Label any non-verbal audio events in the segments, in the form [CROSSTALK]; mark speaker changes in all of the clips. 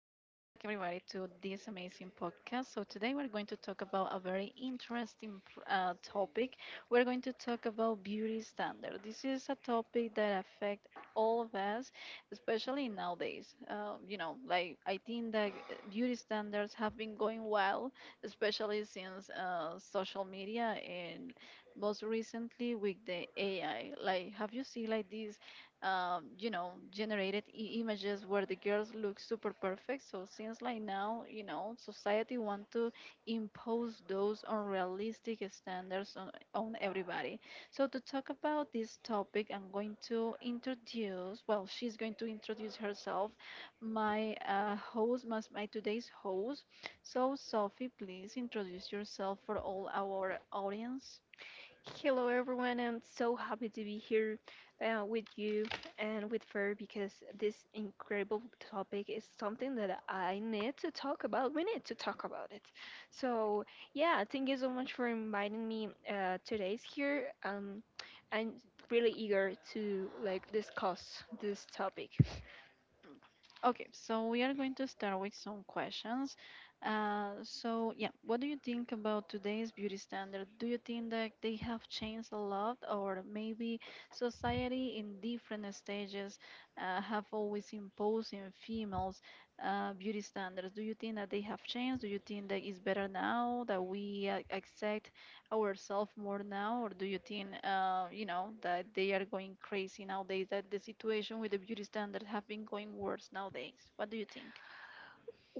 Speaker 1: to this amazing podcast. So today we're going to talk about a very interesting topic. We're going to talk about beauty standard. This is a topic that affect all of us, especially nowadays. You know, like I think that beauty standards have been going well, especially since social media and most recently with the AI. Like, have you seen like this? You know, generated images where the girls look super perfect. So since like now, you know, society want to impose those unrealistic standards on everybody. So to talk about this topic, I'm going to introduce, well, she's going to introduce herself, my host, my today's host. So Sophie, please introduce yourself for all our audience.
Speaker 2: Hello, everyone. I'm so happy to be here with you and with Fer because this incredible topic is something that I need to talk about. We need to talk about it. So, yeah, thank you so much for inviting me today's here. I'm really eager to like discuss this topic.
Speaker 1: Mm. Okay, so we are going to start with some questions. So, yeah, what do you think about today's beauty standard? Do you think that they have changed a lot, or maybe society in different stages have always imposed in females beauty standards? Do you think that they have changed? Do you think that it's better now that we accept ourselves more now, or do you think, you know, that they are going crazy nowadays? That the situation with the beauty standard have been going worse nowadays. What do you think?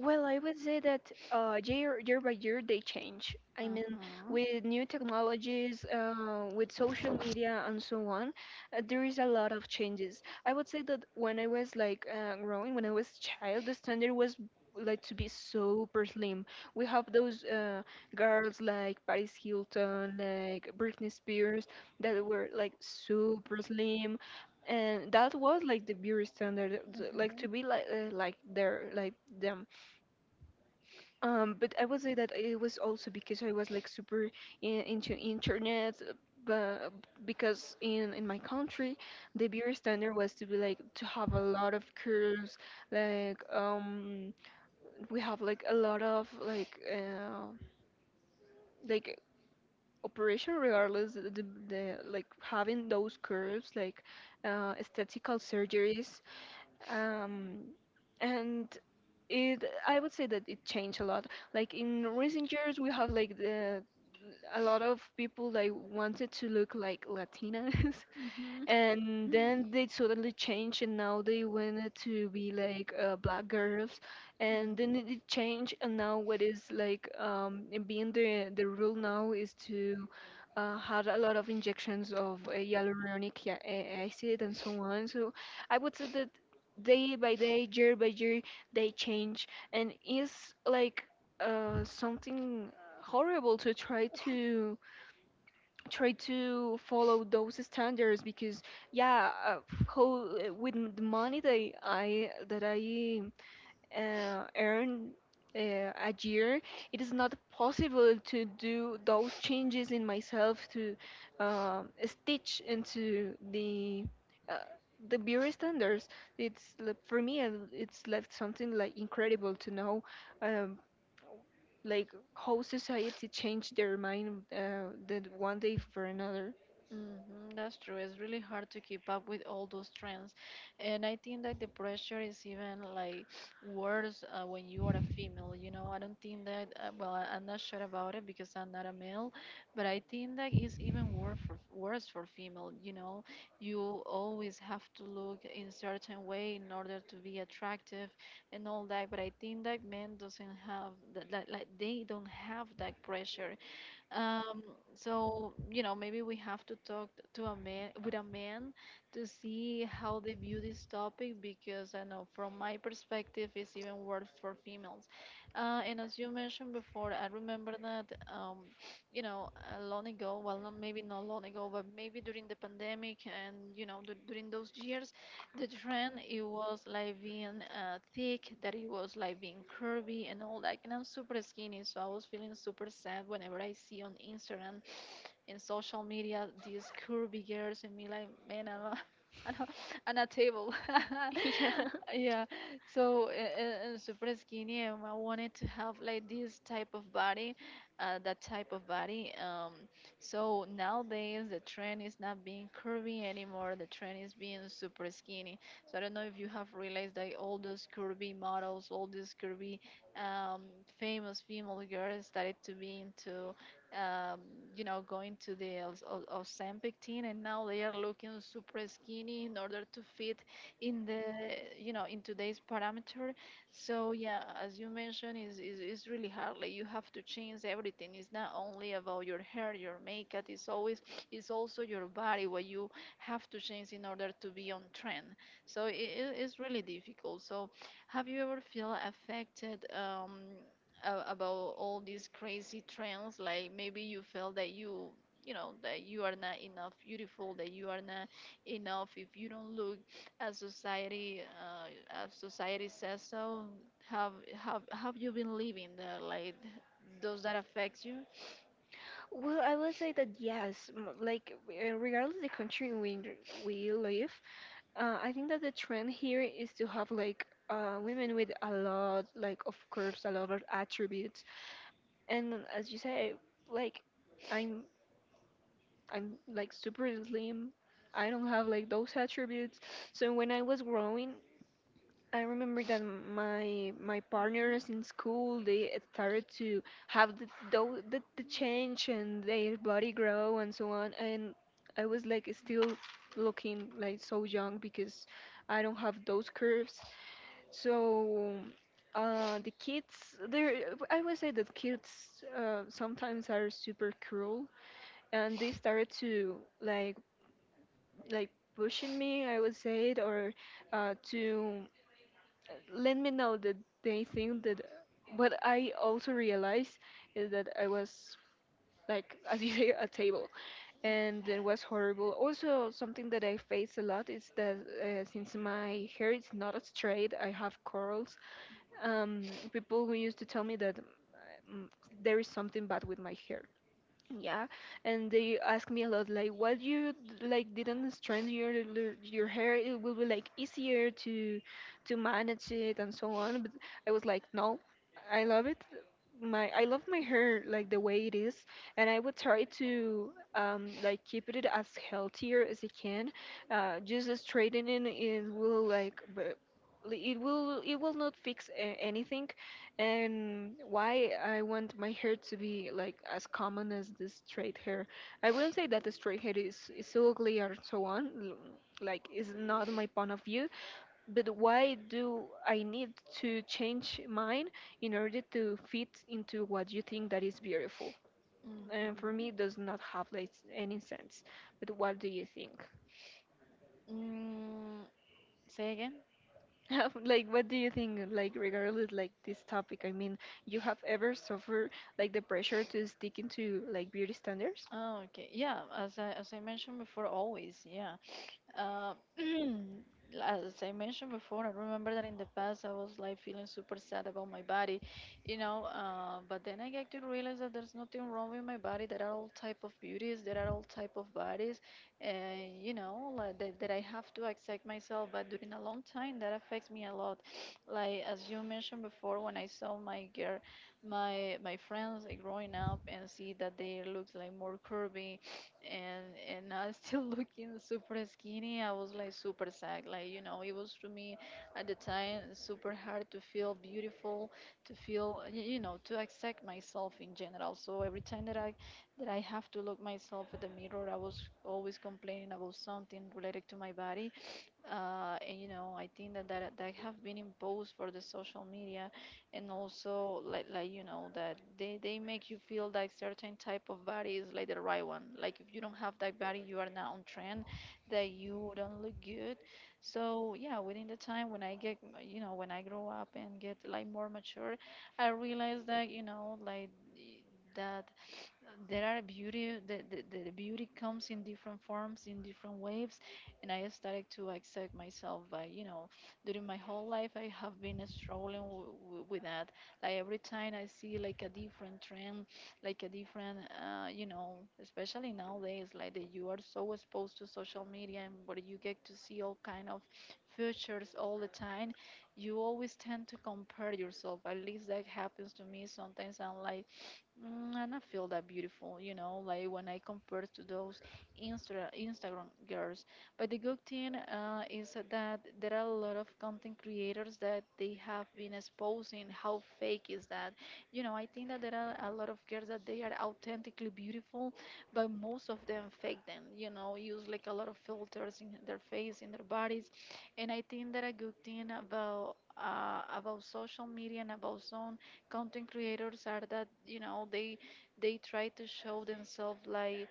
Speaker 2: Well, I would say that year by year they change. I mean,
Speaker 1: Uh-huh.
Speaker 2: with new technologies, with social media and so on, there is a lot of changes. I would say that when I was like growing, when I was child, the standard was like to be super slim. We have those girls like Paris Hilton, like Britney Spears, that were like super slim, and that was like the beauty standard, like to be like their like them. But I would say that it was also because I was like super into internet, but because in my country, the beer standard was to be like to have a lot of curves, like we have like a lot of like operation regardless the like having those curves like aesthetical surgeries um and it, I would say that it changed a lot. Like in recent years, we have like a lot of people that wanted to look like Latinas, and
Speaker 1: Mm-hmm.
Speaker 2: then they suddenly changed and now they wanted to be like black girls and then it changed and now what is like it being the rule now is to had a lot of injections of hyaluronic acid and so on. So I would say that day by day, year by year, they change, and it's like something horrible to try to try to follow those standards because yeah. How with the money that I earn uh, a year, it is not possible to do those changes in myself to stitch into uh, the beauty standards. For me, it's like something like incredible to know. Um, like how society changed their mind
Speaker 1: Mm-hmm.
Speaker 2: that one day
Speaker 1: Mm-hmm.
Speaker 2: for another. [LAUGHS]
Speaker 1: hmm that's true. It's really hard to keep up with all those trends. And I think that the pressure is even like worse when you are a female. You know, I don't think that, well, I'm not sure about it because I'm not a male, but I think that it's even worse worse for female. You know, you always have to look in certain way in order to be attractive and all that. But I think that men doesn't have that like they don't have that pressure um, so you know, maybe we have to talk to a man to see how they view this topic because I know from my perspective, it's even worse for females. And as you mentioned before, I remember that um, [SNIFFS] you know, long ago, well, not maybe not long ago, but maybe during the pandemic and you know, during those years the trend it was like being thick, that it was like being curvy and all that. And I'm super skinny, so I was feeling super sad whenever I see on Instagram in social media these curvy girls and me like [LAUGHS] I'm a, I'm a table
Speaker 2: Yeah.
Speaker 1: [LAUGHS] yeah so super skinny and I wanted to have like this type of body uh, that type of body um, so nowadays the trend is not being curvy anymore, the trend is being super skinny. So I don't know if you have realized that all those curvy models, all these curvy um, famous female girls started to be into um, you know, going to the Ozempic team, and now they are looking super skinny in order to fit in the, you know, in today's parameter. So yeah, as you mentioned, is really hard. Like you have to change everything. It's not only about your hair, your makeup. It's always, it's also your body what you have to change in order to be on trend. So it is really difficult. So have you ever feel affected? About all these crazy trends, like maybe you feel that you know that you are not enough beautiful, that you are not enough if you don't look as society says. So have you been living that, like does that affect you?
Speaker 2: Well, I would say that yes, like regardless of the country in which we live, I think that the trend here is to have like women with a lot, like of curves, a lot of attributes, and as you say, like I'm I'm like super slim. I don't have like those attributes. So when I was growing, I remember that my partners in school they started to have the the change and their body grow and so on, and I was like still looking like so young because I don't have those curves. So the kids there, I would say that kids sometimes are super cruel, and they started to like pushing me, I would say it, or to let me know that they think that what I also realized is that I was like [LAUGHS] as you say a table, and it was horrible. Also something that I face a lot is that since my hair is not as straight, I have curls. People who used to tell me that um, there is something bad with my hair, yeah, and they ask me a lot like, "What you like didn't strand your your hair? It will be like easier to manage it and so on." But I was like, "No, I love it. My I love my hair like the way it is, and I would try to like keep it as healthier as I can. Just straightening it will like." It will not fix anything, and why I want my hair to be like as common as the straight hair. I wouldn't say that the straight hair is so ugly or so on. Like is not my point of view. But why do I need to change mine in order to fit into what you think that is beautiful? And for me,
Speaker 1: Hmm.
Speaker 2: it does not have like any sense. But what do you think?
Speaker 1: Mm, say again?
Speaker 2: [LAUGHS] Like what do you think, like regardless like this topic, I mean, you have ever suffered like the pressure to stick into like beauty standards?
Speaker 1: Oh, okay, yeah, as I mentioned before, always, yeah. Uh, [CLEARS THROAT] as I mentioned before, I remember that in the past I was like feeling super sad about my body, you know. But then I get to realize that there's nothing wrong with my body. There are all type of beauties. There are all type of bodies, and you know, that I have to accept myself. But during a long time, that affects me a lot. [SNIFFS] Like as you mentioned before, when I saw my girl, my friends like, growing up and see that they look like more curvy and and I still [LAUGHS] looking super skinny. I was like super sad. Like you know, it was to me at the time super hard to feel beautiful, to feel you know, to accept myself in general. So every time that I have to look myself at the mirror, I was always complaining about something related to my body. And you know, I think that that have been imposed for the social media and also like you know that they make you feel like certain type of body is like the right one. Like if you don't have that body, you are not on trend, that you don't look good. So yeah, within the time when I get you know when I grow up and get like more mature, I realize that you know like that there are beauty the beauty comes in different forms in different waves. And I started to accept myself by you know during my whole life I have been struggling with that. Like every time I see like a different trend, like a different you know, especially nowadays like that you are so exposed to social media and where you get to see all kind of features all the time, you always tend to compare yourself. At least that happens to me. Sometimes I'm like mm, I don't feel that beautiful, you know, like when I compare to those Instagram girls. But the good thing is that there are a lot of content creators that they have been exposing how fake is that. You know, I think that there are a lot of girls that they are authentically beautiful, but most of them fake them. You know, use like a lot of filters in their face, in their bodies, and I think that a good thing about social media and about some content creators are that you know they try to show themselves like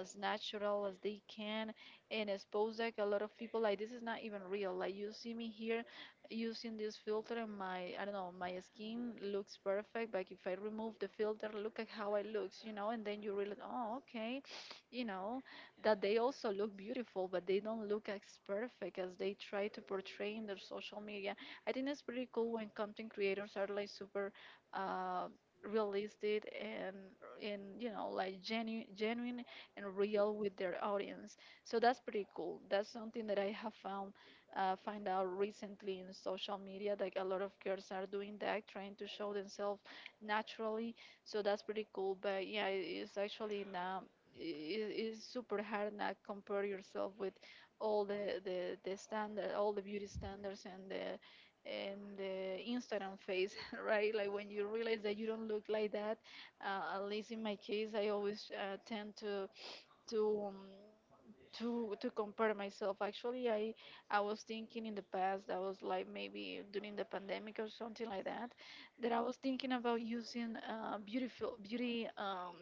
Speaker 1: as natural as they can and expose like a lot of people like this is not even real, like you see me here using this filter and my I don't know, my skin looks perfect. Like if I remove the filter, look at how I looks, you know, and then you realize, oh okay, you know, that they also look beautiful, but they don't look as perfect as they try to portray in their social media. I think it's pretty cool when content creators are like super uh realistic and you know like genuine and real with their audience. So that's pretty cool. That's something that I have found find out recently in social media. Like a lot of girls are doing that, trying to show themselves naturally. So that's pretty cool. But yeah, it's actually now it's super hard not compare yourself with all the standard, all the beauty standards and the Instagram face, [LAUGHS] right? Like when you realize that you don't look like that. At least in my case, I always tend to to um, to compare myself. Actually, I was thinking in the past, I was like maybe during the pandemic or something like that, that I was thinking about using beautiful beauty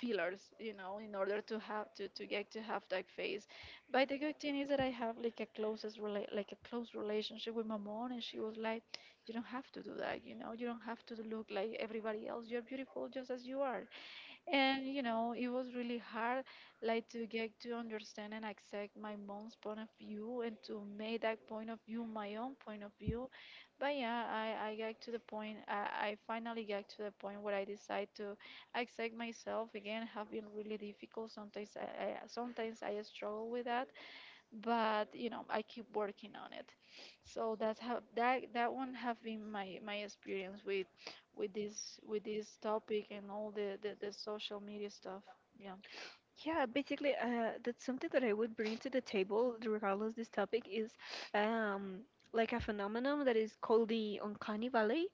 Speaker 1: fillers, you know, in order to have to get to have that face. But the good thing is that I have like a close relationship with my mom, and she was like, you don't have to do that, you know, you don't have to look like everybody else. You're beautiful just as you are. And you know, it was really hard like to get to understand and accept my mom's point of view and to make that point of view my own point of view. But yeah, I got to the point I finally got to the point where I decide to accept myself again have been really difficult. I sometimes I struggle with that but you know I keep working on it. So that's how that one have been my experience with with this topic and all the social media stuff. Yeah.
Speaker 2: Yeah, basically that's something that I would bring to the table regardless this topic is um like a phenomenon that is called the uncanny valley.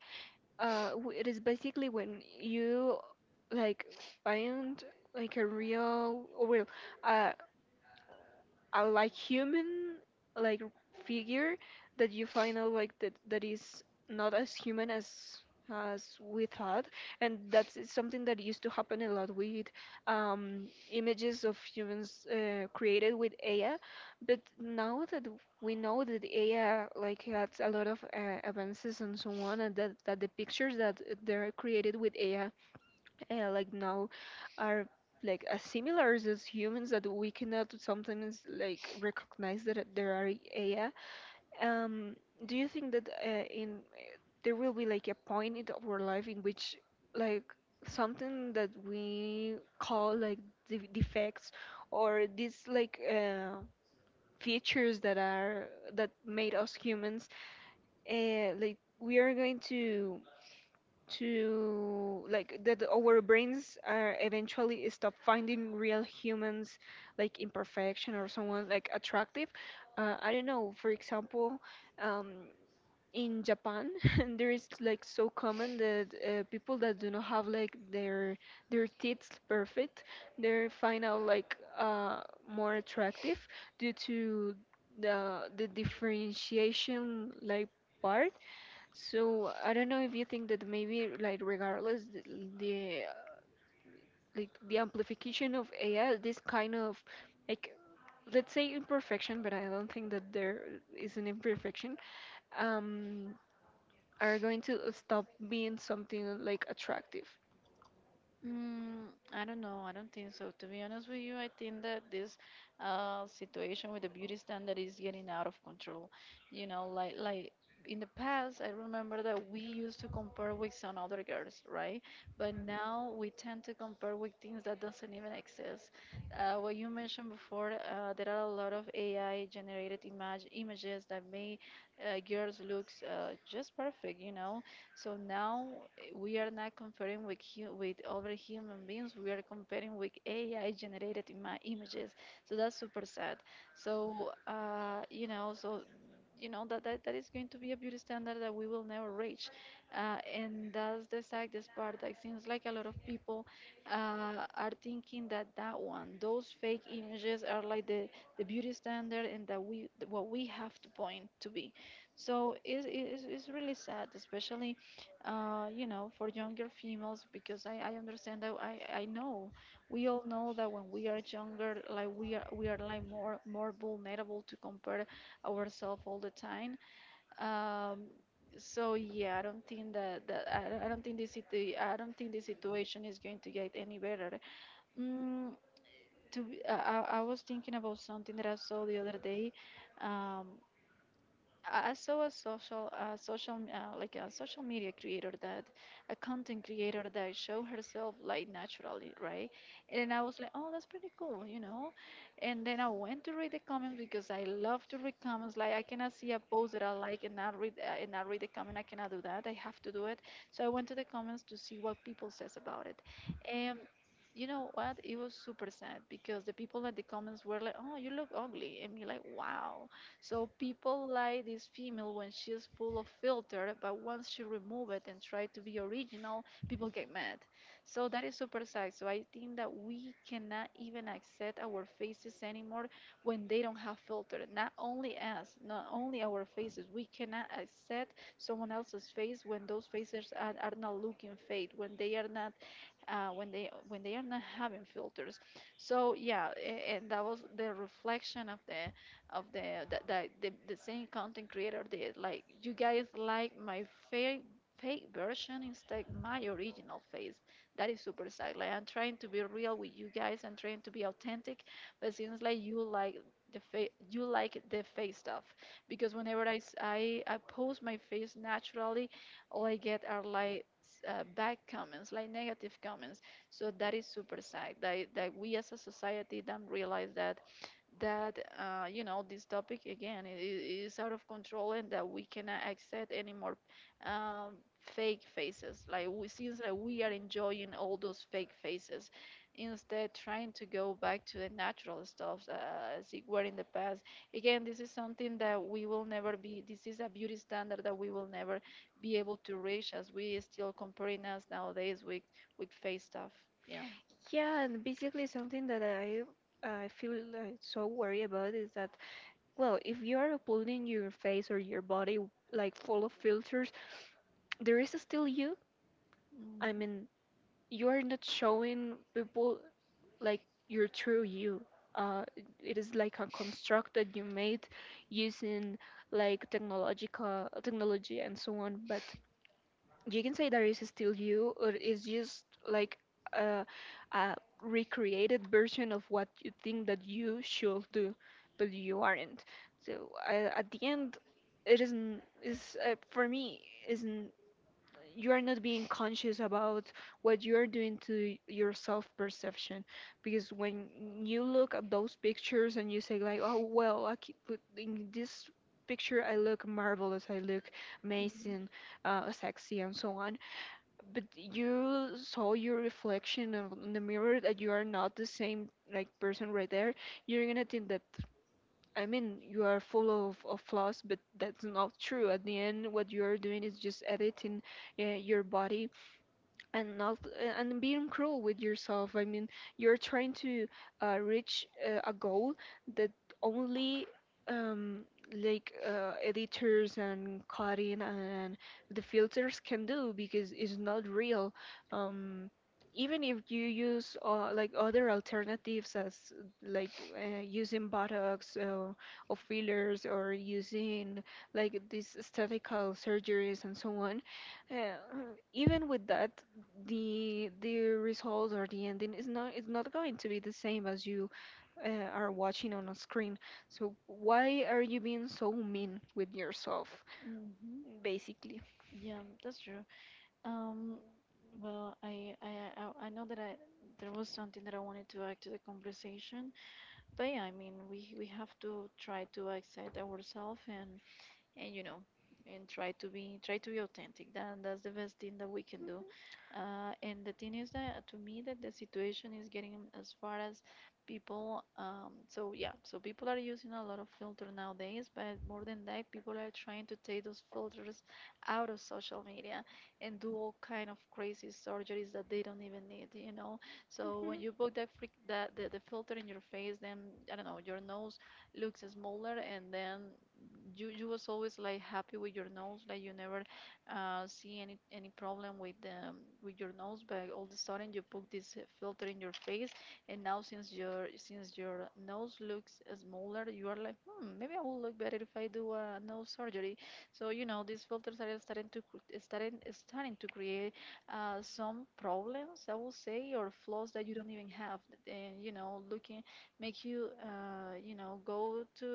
Speaker 2: It is basically when you like find like a real or well uh, a like human like figure that you find out like that that is not as human as we thought. And that's is something that used to happen a lot with images of humans created with AI, but now that we know that AI like has a lot of advances and so on, and that the pictures that they're created with AI like now are like as similar as humans that we cannot sometimes like recognize that there are AI. Um, do you think that there will be like a point in our life in which like something that we call like defects or these like features that are that made us humans like we are going to like that our brains are eventually stop finding real humans like imperfection or someone like attractive? I don't know, for example, um, in Japan [LAUGHS] there is like so common that people that do not have like their teeth perfect, they're find out like more attractive due to the differentiation like part. So I don't know if you think that maybe like regardless the like the amplification of AI, this kind of like, let's say, imperfection, but I don't think that there is an imperfection, um, are going to stop being something like attractive.
Speaker 1: Mm, I don't know. I don't think so. To be honest with you, I think that this situation with the beauty standard is getting out of control. You know, like in the past, I remember that we used to compare with some other girls, right? But now we tend to compare with things that doesn't even exist. What you mentioned before, there are a lot of AI generated images that make girls looks just perfect. You know, so now, we are not comparing with with other human beings. We are comparing with AI generated images. So that's super sad. So you know that is going to be a beauty standard that we will never reach, and that's the saddest part. That seems like a lot of people are thinking that that one, those fake images, are like the beauty standard, and that we what we have to point to be. So it's really sad, especially you know, for younger females, because I understand that I know we all know that when we are younger, like we are like more vulnerable to compare ourselves all the time. Um, so yeah, I don't think that, that I don't think this situ- I don't think the situation is going to get any better. Mm, to be, I was thinking about something that I saw the other day. Um, I saw a social, social, m- like a social media creator a content creator that show herself like naturally, right? And I was like, oh, that's pretty cool. And then I went to read the comments because I love to read comments. Like I cannot see a post that I like and not read the comment. I cannot do that. I have to do it. So I went to the comments to see what people says about it. And you know what? It was super sad because the people at the comments were like, "Oh, you look ugly," and me like, "Wow." So people like this female when she's full of filter, but once she remove it and try to be original, people get mad. So that is super sad. So I think that we cannot even accept our faces anymore when they don't have filter. Not only us, not only our faces. We cannot accept someone else's face when those faces are not looking fake, when they are not when they when they are not having filters. So yeah, and that was the reflection of the of the same content creator did. Like you guys like my fake fake version instead my original face. That is super sad. Like I'm trying to be real with you guys and trying to be authentic, but seems like you like the face stuff because whenever I, s- I post my face naturally all I get are like bad comments, like negative comments. So that is super sad that we as a society don't realize that that you know this topic again is out of control and that we cannot accept any more fake faces like we seems like we are enjoying all those fake faces instead trying to go back to the natural stuff as it were in the past. Again, this is a beauty standard that we will never be able to reach, as we still comparing us nowadays with fake stuff. Yeah.
Speaker 2: Yeah, and basically something that I feel like so worried about is that, well, if you are uploading your face or your body like full of filters, there is still you. I
Speaker 1: Mm-hmm.
Speaker 2: mean, you're not showing people like your true you. Uh, it is like a construct that you made using like technological technology and so on. But you can say that is still you, or it's just like a, a recreated version of what you think that you should do, but you aren't. So at the end, it isn't. Is for me isn't. You're not being conscious about what you're doing to your self perception, because when you look at those pictures and you say like, oh well, I keep put in this picture I look marvelous, I look amazing, sexy and so on, but you saw your reflection in the mirror that you are not the same like person right there, you're gonna think that, I mean, you are full of flaws, but that's not true. At the end, what you are doing is just editing your body, and not and being cruel with yourself. I mean, you're trying to reach a goal that only um, like editors and cutting and the filters can do, because it's not real. um, Even if you use like other alternatives as like using botox, or fillers, or using like these aesthetical surgeries and so on, uh, even with that, the result or the ending is not, it's not going to be the same as you are watching on a screen. So why are you being so mean with yourself,
Speaker 1: Hmm.
Speaker 2: basically?
Speaker 1: Yeah, that's true. Um, well, I know that I there was something that I wanted to add to the conversation, but yeah, I mean, we have to try to accept ourselves and you know and try to be authentic. That that's the best thing that we can do. And the thing is that to me that the situation is getting as far as people. So yeah, so people are using a lot of filter nowadays, but more than that, people are trying to take those filters out of social media and do all kind of crazy surgeries that they don't even need, you know. So when
Speaker 2: Mhm.
Speaker 1: you put that freak that the filter in your face, then I don't know, your nose looks smaller, and then you was always like happy with your nose, like you never see any problem with your nose. But all of a sudden you put this filter in your face, and now since your nose looks smaller, you are like, hmm, maybe I will look better if I do a nose surgery. So you know, these filters are starting to create some problems, I will say, or flaws that you don't even have. And you know, looking make you you know go to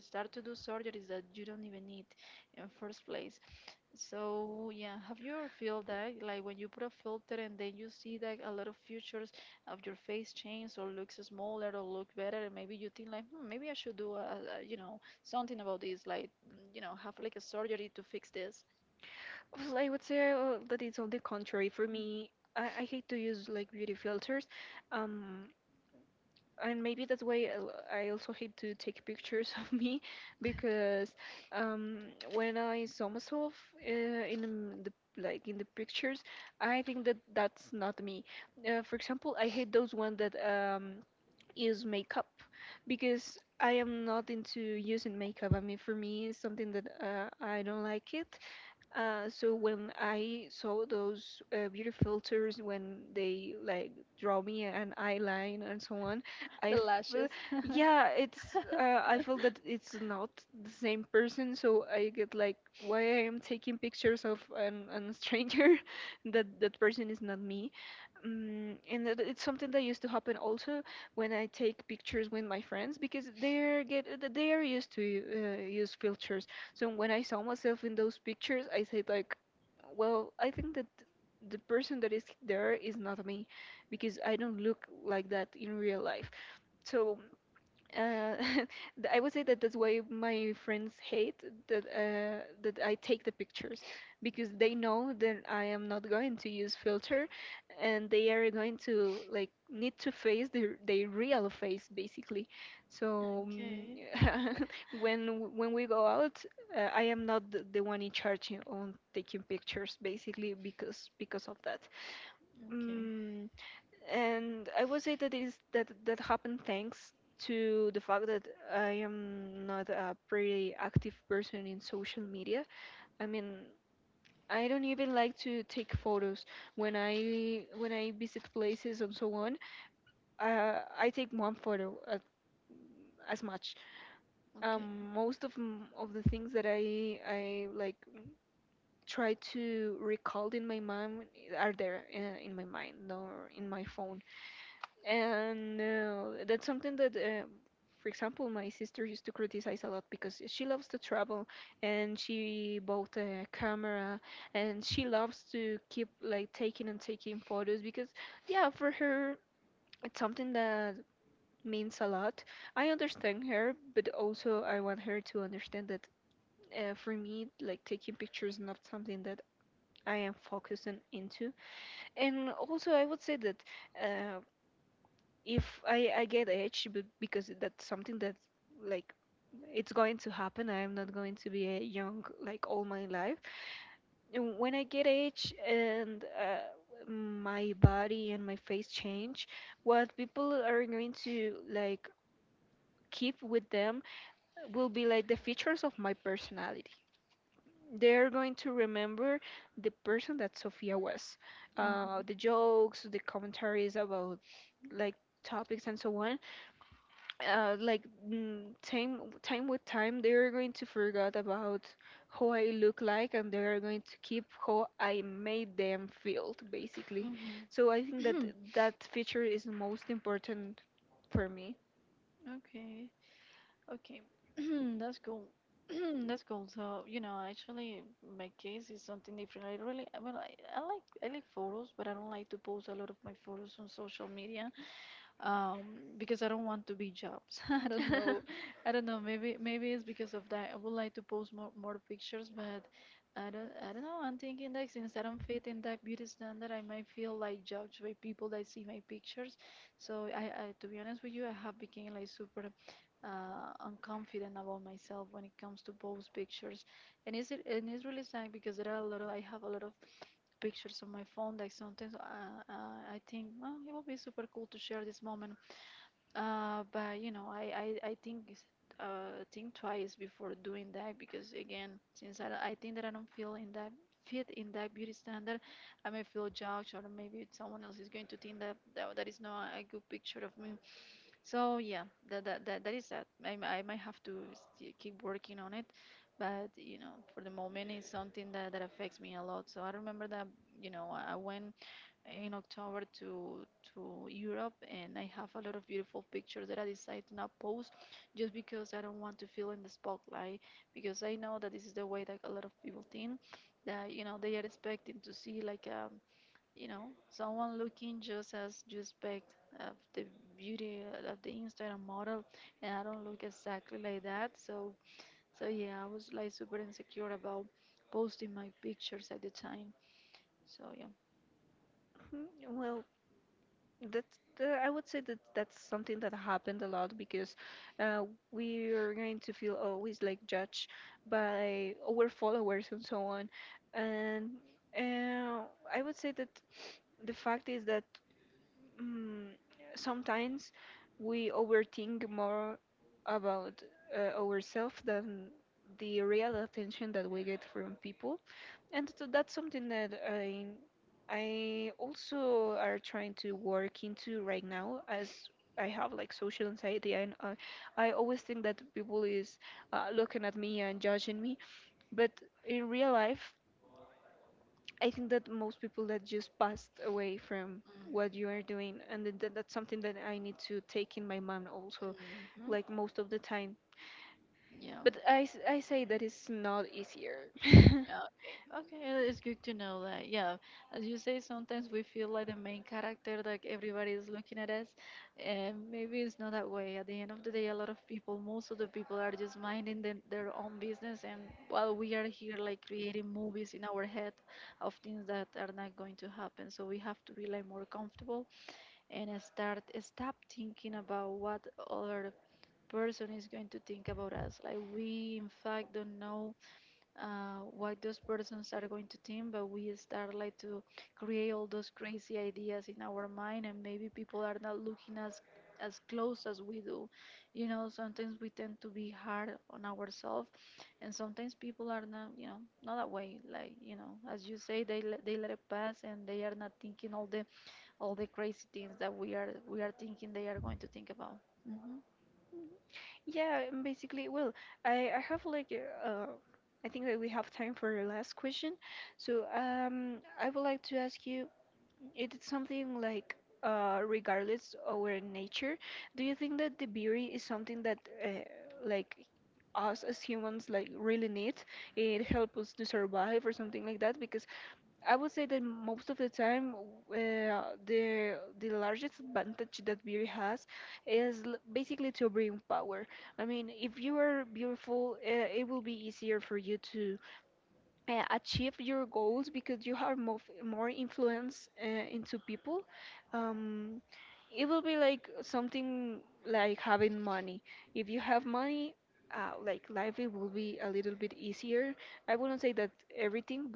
Speaker 1: start to do surgeries that you don't even need in first place. So yeah, have you ever feel that, like when you put a filter and then you see that a lot of features of your face change or looks smaller or look better, and maybe you think like, hmm, maybe I should do a, you know, something about this, like mm, you know, have like a surgery to fix this?
Speaker 2: Well, I would say that it's on the contrary. For me, I hate to use like beauty filters. Um, and maybe that's why I also hate to take pictures [LAUGHS] of me, because um, when I saw myself in the like in the pictures, I think that that's not me. For example, I hate those one that use makeup, because I am not into using makeup. I mean, for me, it's something that I don't like it. So when I saw those beauty filters, when they like draw me an eyeline and so on,
Speaker 1: [LAUGHS]
Speaker 2: I
Speaker 1: The
Speaker 2: feel,
Speaker 1: lashes. [LAUGHS]
Speaker 2: yeah, it's I feel that it's not the same person. So I get like, why I am taking pictures of an stranger, [LAUGHS] that that person is not me. And that it's something that used to happen also when I take pictures with my friends because they are used to use filters, so when I saw myself in those pictures, I said like, well, I think that the person that is there is not me because I don't look like that in real life. So uh, [LAUGHS] th- I would say that that's why my friends hate that that I take the pictures because they know that I am not going to use filter, and they are going to like need to face their real face basically. So
Speaker 1: Okay,
Speaker 2: [LAUGHS] when when we go out, I am not the one in charge on taking pictures basically because of that.
Speaker 1: okay,
Speaker 2: Mm, and I would say that is that that happened thanks to the fact that I am not a pretty active person in social media. I mean, I don't even like to take photos when I visit places and so on. I take one photo at, as much.
Speaker 1: okay.
Speaker 2: Most of of the things that I like try to recall in my mind are there in my mind or in my phone. And that's something that, for example, my sister used to criticize a lot because she loves to travel and she bought a camera and she loves to keep like taking and taking photos because, yeah, for her, it's something that means a lot. I understand her, but also I want her to understand that for me, like taking pictures is not something that I am focusing into. And also, I would say that. Uh, if I get aged because that's something that like it's going to happen. I am not going to be a young like all my life. And when I get aged and my body and my face change, what people are going to like keep with them will be like the features of my personality. They're going to remember the person that Sophia was,
Speaker 1: Mhm.
Speaker 2: the jokes, the commentaries about like topics and so on, uh, like time with time they are going to forget about how I look like and they are going to keep how I made them feel basically.
Speaker 1: Mm-hmm.
Speaker 2: So I think that
Speaker 1: [CLEARS THROAT]
Speaker 2: that feature is the most important for me.
Speaker 1: Okay. Okay. [CLEARS THROAT] That's cool. [CLEARS THROAT] That's cool. So, you know, actually, my case is something different. I really, I mean, I like photos, but I don't like to post a lot of my photos on social media. um because I don't want to be jobs. [LAUGHS] i don't know
Speaker 2: [LAUGHS]
Speaker 1: i don't know maybe it's because of that. I would like to post more pictures, but I don't know, I'm thinking that since I don't fit in that beauty standard, I might feel like judged by people that see my pictures. So I, to be honest with you, I have become like super unconfident about myself when it comes to post pictures. And it's really sad because there are a lot of I have a lot of pictures on my phone that sometimes I think, oh, it would be super cool to share this moment, but you know, I think twice before doing that, because again, since I think that I don't feel in that fit in that beauty standard, I may feel judged, or maybe someone else is going to think that is not a good picture of me. So yeah, that is that. I might have to keep working on it, but you know, for the moment, it's something that affects me a lot. So I remember that I went in October to Europe, and I have a lot of beautiful pictures that I decide to not post just because I don't want to feel in the spotlight. Because I know that this is the way that a lot of people think that they are expecting to see, someone looking just as you expect of the beauty of the Instagram model, and I don't look exactly like that. so yeah, I was like super insecure about posting my pictures at the time. So yeah.
Speaker 2: Well, I would say that that's something that happened a lot because uh, we are going to feel always like judged by our followers and so on. And uh, I would say that the fact is that um, sometimes we overthink more about ourselves than the real attention that we get from people. And so that's something that I also are trying to work into right now as I have like social anxiety I always think that people is looking at me and judging me, but in real life, I think that most people that just passed away from what you are doing and that's something that I need to take in my mind also
Speaker 1: Mm. Mhm.
Speaker 2: like most of the time.
Speaker 1: Yeah.
Speaker 2: But I say that it's not easier. [LAUGHS]
Speaker 1: Okay. Okay, it's good to know that. Yeah, as you say, sometimes we feel like the main character, like everybody is looking at us, and maybe it's not that way. At the end of the day, a lot of people, most of the people, are just minding them, their own business, and while we are here, like creating movies in our head of things that are not going to happen, so we have to be like more comfortable and I start stop thinking about what other person is going to think about us. Like we in fact don't know what those persons are going to think, but we start like to create all those crazy ideas in our mind, and maybe people are not looking as close as we do. You know, sometimes we tend to be hard on ourselves, and sometimes people are not, not that way. Like you know, as you say, they let it pass, and they are not thinking all the crazy things that we are thinking they are going to think about. Hmm.
Speaker 2: Yeah, basically, well, I have like I think that we have time for the last question. So I would like to ask you, it is something like regardless our nature, do you think that the beauty is something that uh, like us as humans like really need? It helps us to survive or something like that? Because I would say that most of the time, the largest advantage that beauty has is basically to bring power. I mean, if you are beautiful, it will be easier for you to achieve your goals because you have more influence into people. Um, it will be like something like having money. If you have money, like life, it will be a little bit easier. I wouldn't say that everything,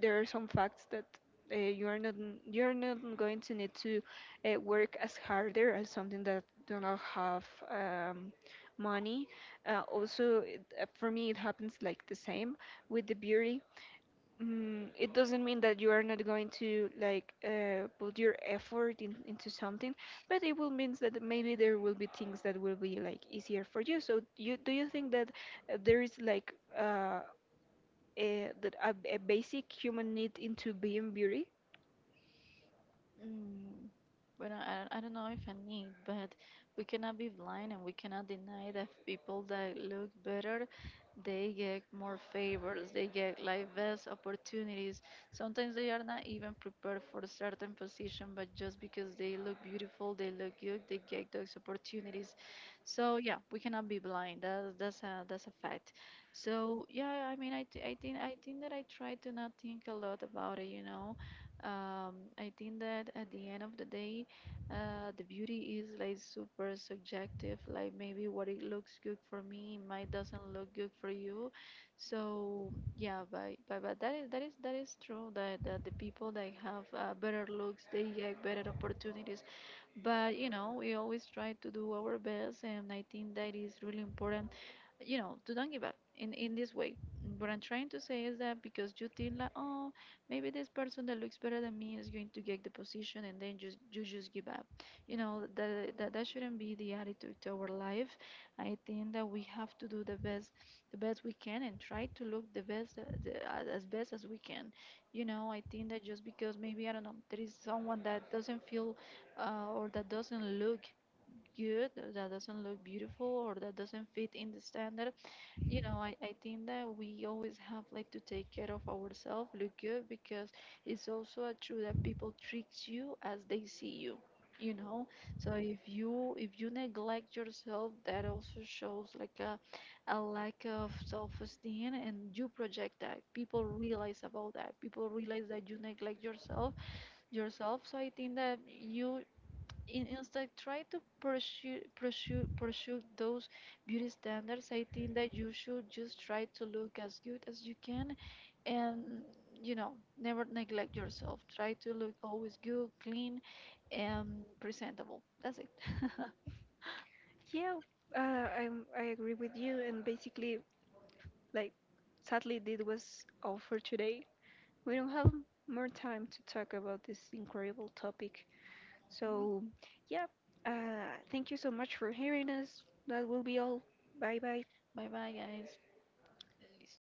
Speaker 2: there are some facts that you are not n- you're not going to need to work as harder as something that do not have um, money. Also, for me, it happens like the same with the beauty. It doesn't mean that you are not going to like put your effort into something, but it will means that maybe there will be things that will be like easier for you. So, you do you think that there is like a basic human need into being beauty.
Speaker 1: Mm, but I don't know if I need, but we cannot be blind and we cannot deny that people that look better, they get more favors, they get like best opportunities. Sometimes they are not even prepared for a certain position, but just because they look beautiful, they look good, they get those opportunities. So yeah, we cannot be blind. That's a fact. So yeah, I mean, I think that I try to not think a lot about it. I think that at the end of the day, the beauty is like super subjective. Like maybe what it looks good for me might doesn't look good for you. So yeah, but that is true. That the people that have better looks, they get better opportunities. But you know, we always try to do our best, and I think that is really important, to don't give up in this way. What I'm trying to say is that because you think like, oh, maybe this person that looks better than me is going to get the position, and then just you just give up. You know that shouldn't be the attitude to our life. I think that we have to do the best we can, and try to look the best, as best as we can. You know, I think that just because, maybe, I don't know, there is someone that doesn't feel or that doesn't look good, or that doesn't look beautiful, or that doesn't fit in the standard. You know, I think that we always have like to take care of ourselves, look good, because it's also a true that people treat you as they see you. You know, so if you neglect yourself, that also shows like a lack of self-esteem, and you project that. People realize about that. People realize that you neglect yourself, so I think that you, instead try to pursue those beauty standards, I think that you should just try to look as good as you can, and you know, never neglect yourself. Try to look always good, clean, and presentable. That's it. [LAUGHS]
Speaker 2: Yeah, uh, I I agree with you. And basically, like sadly, this was all for today. We don't have more time to talk about this incredible topic. So yeah, thank you so much for hearing us. That will be all. Bye bye.
Speaker 1: Bye bye, guys. Listo.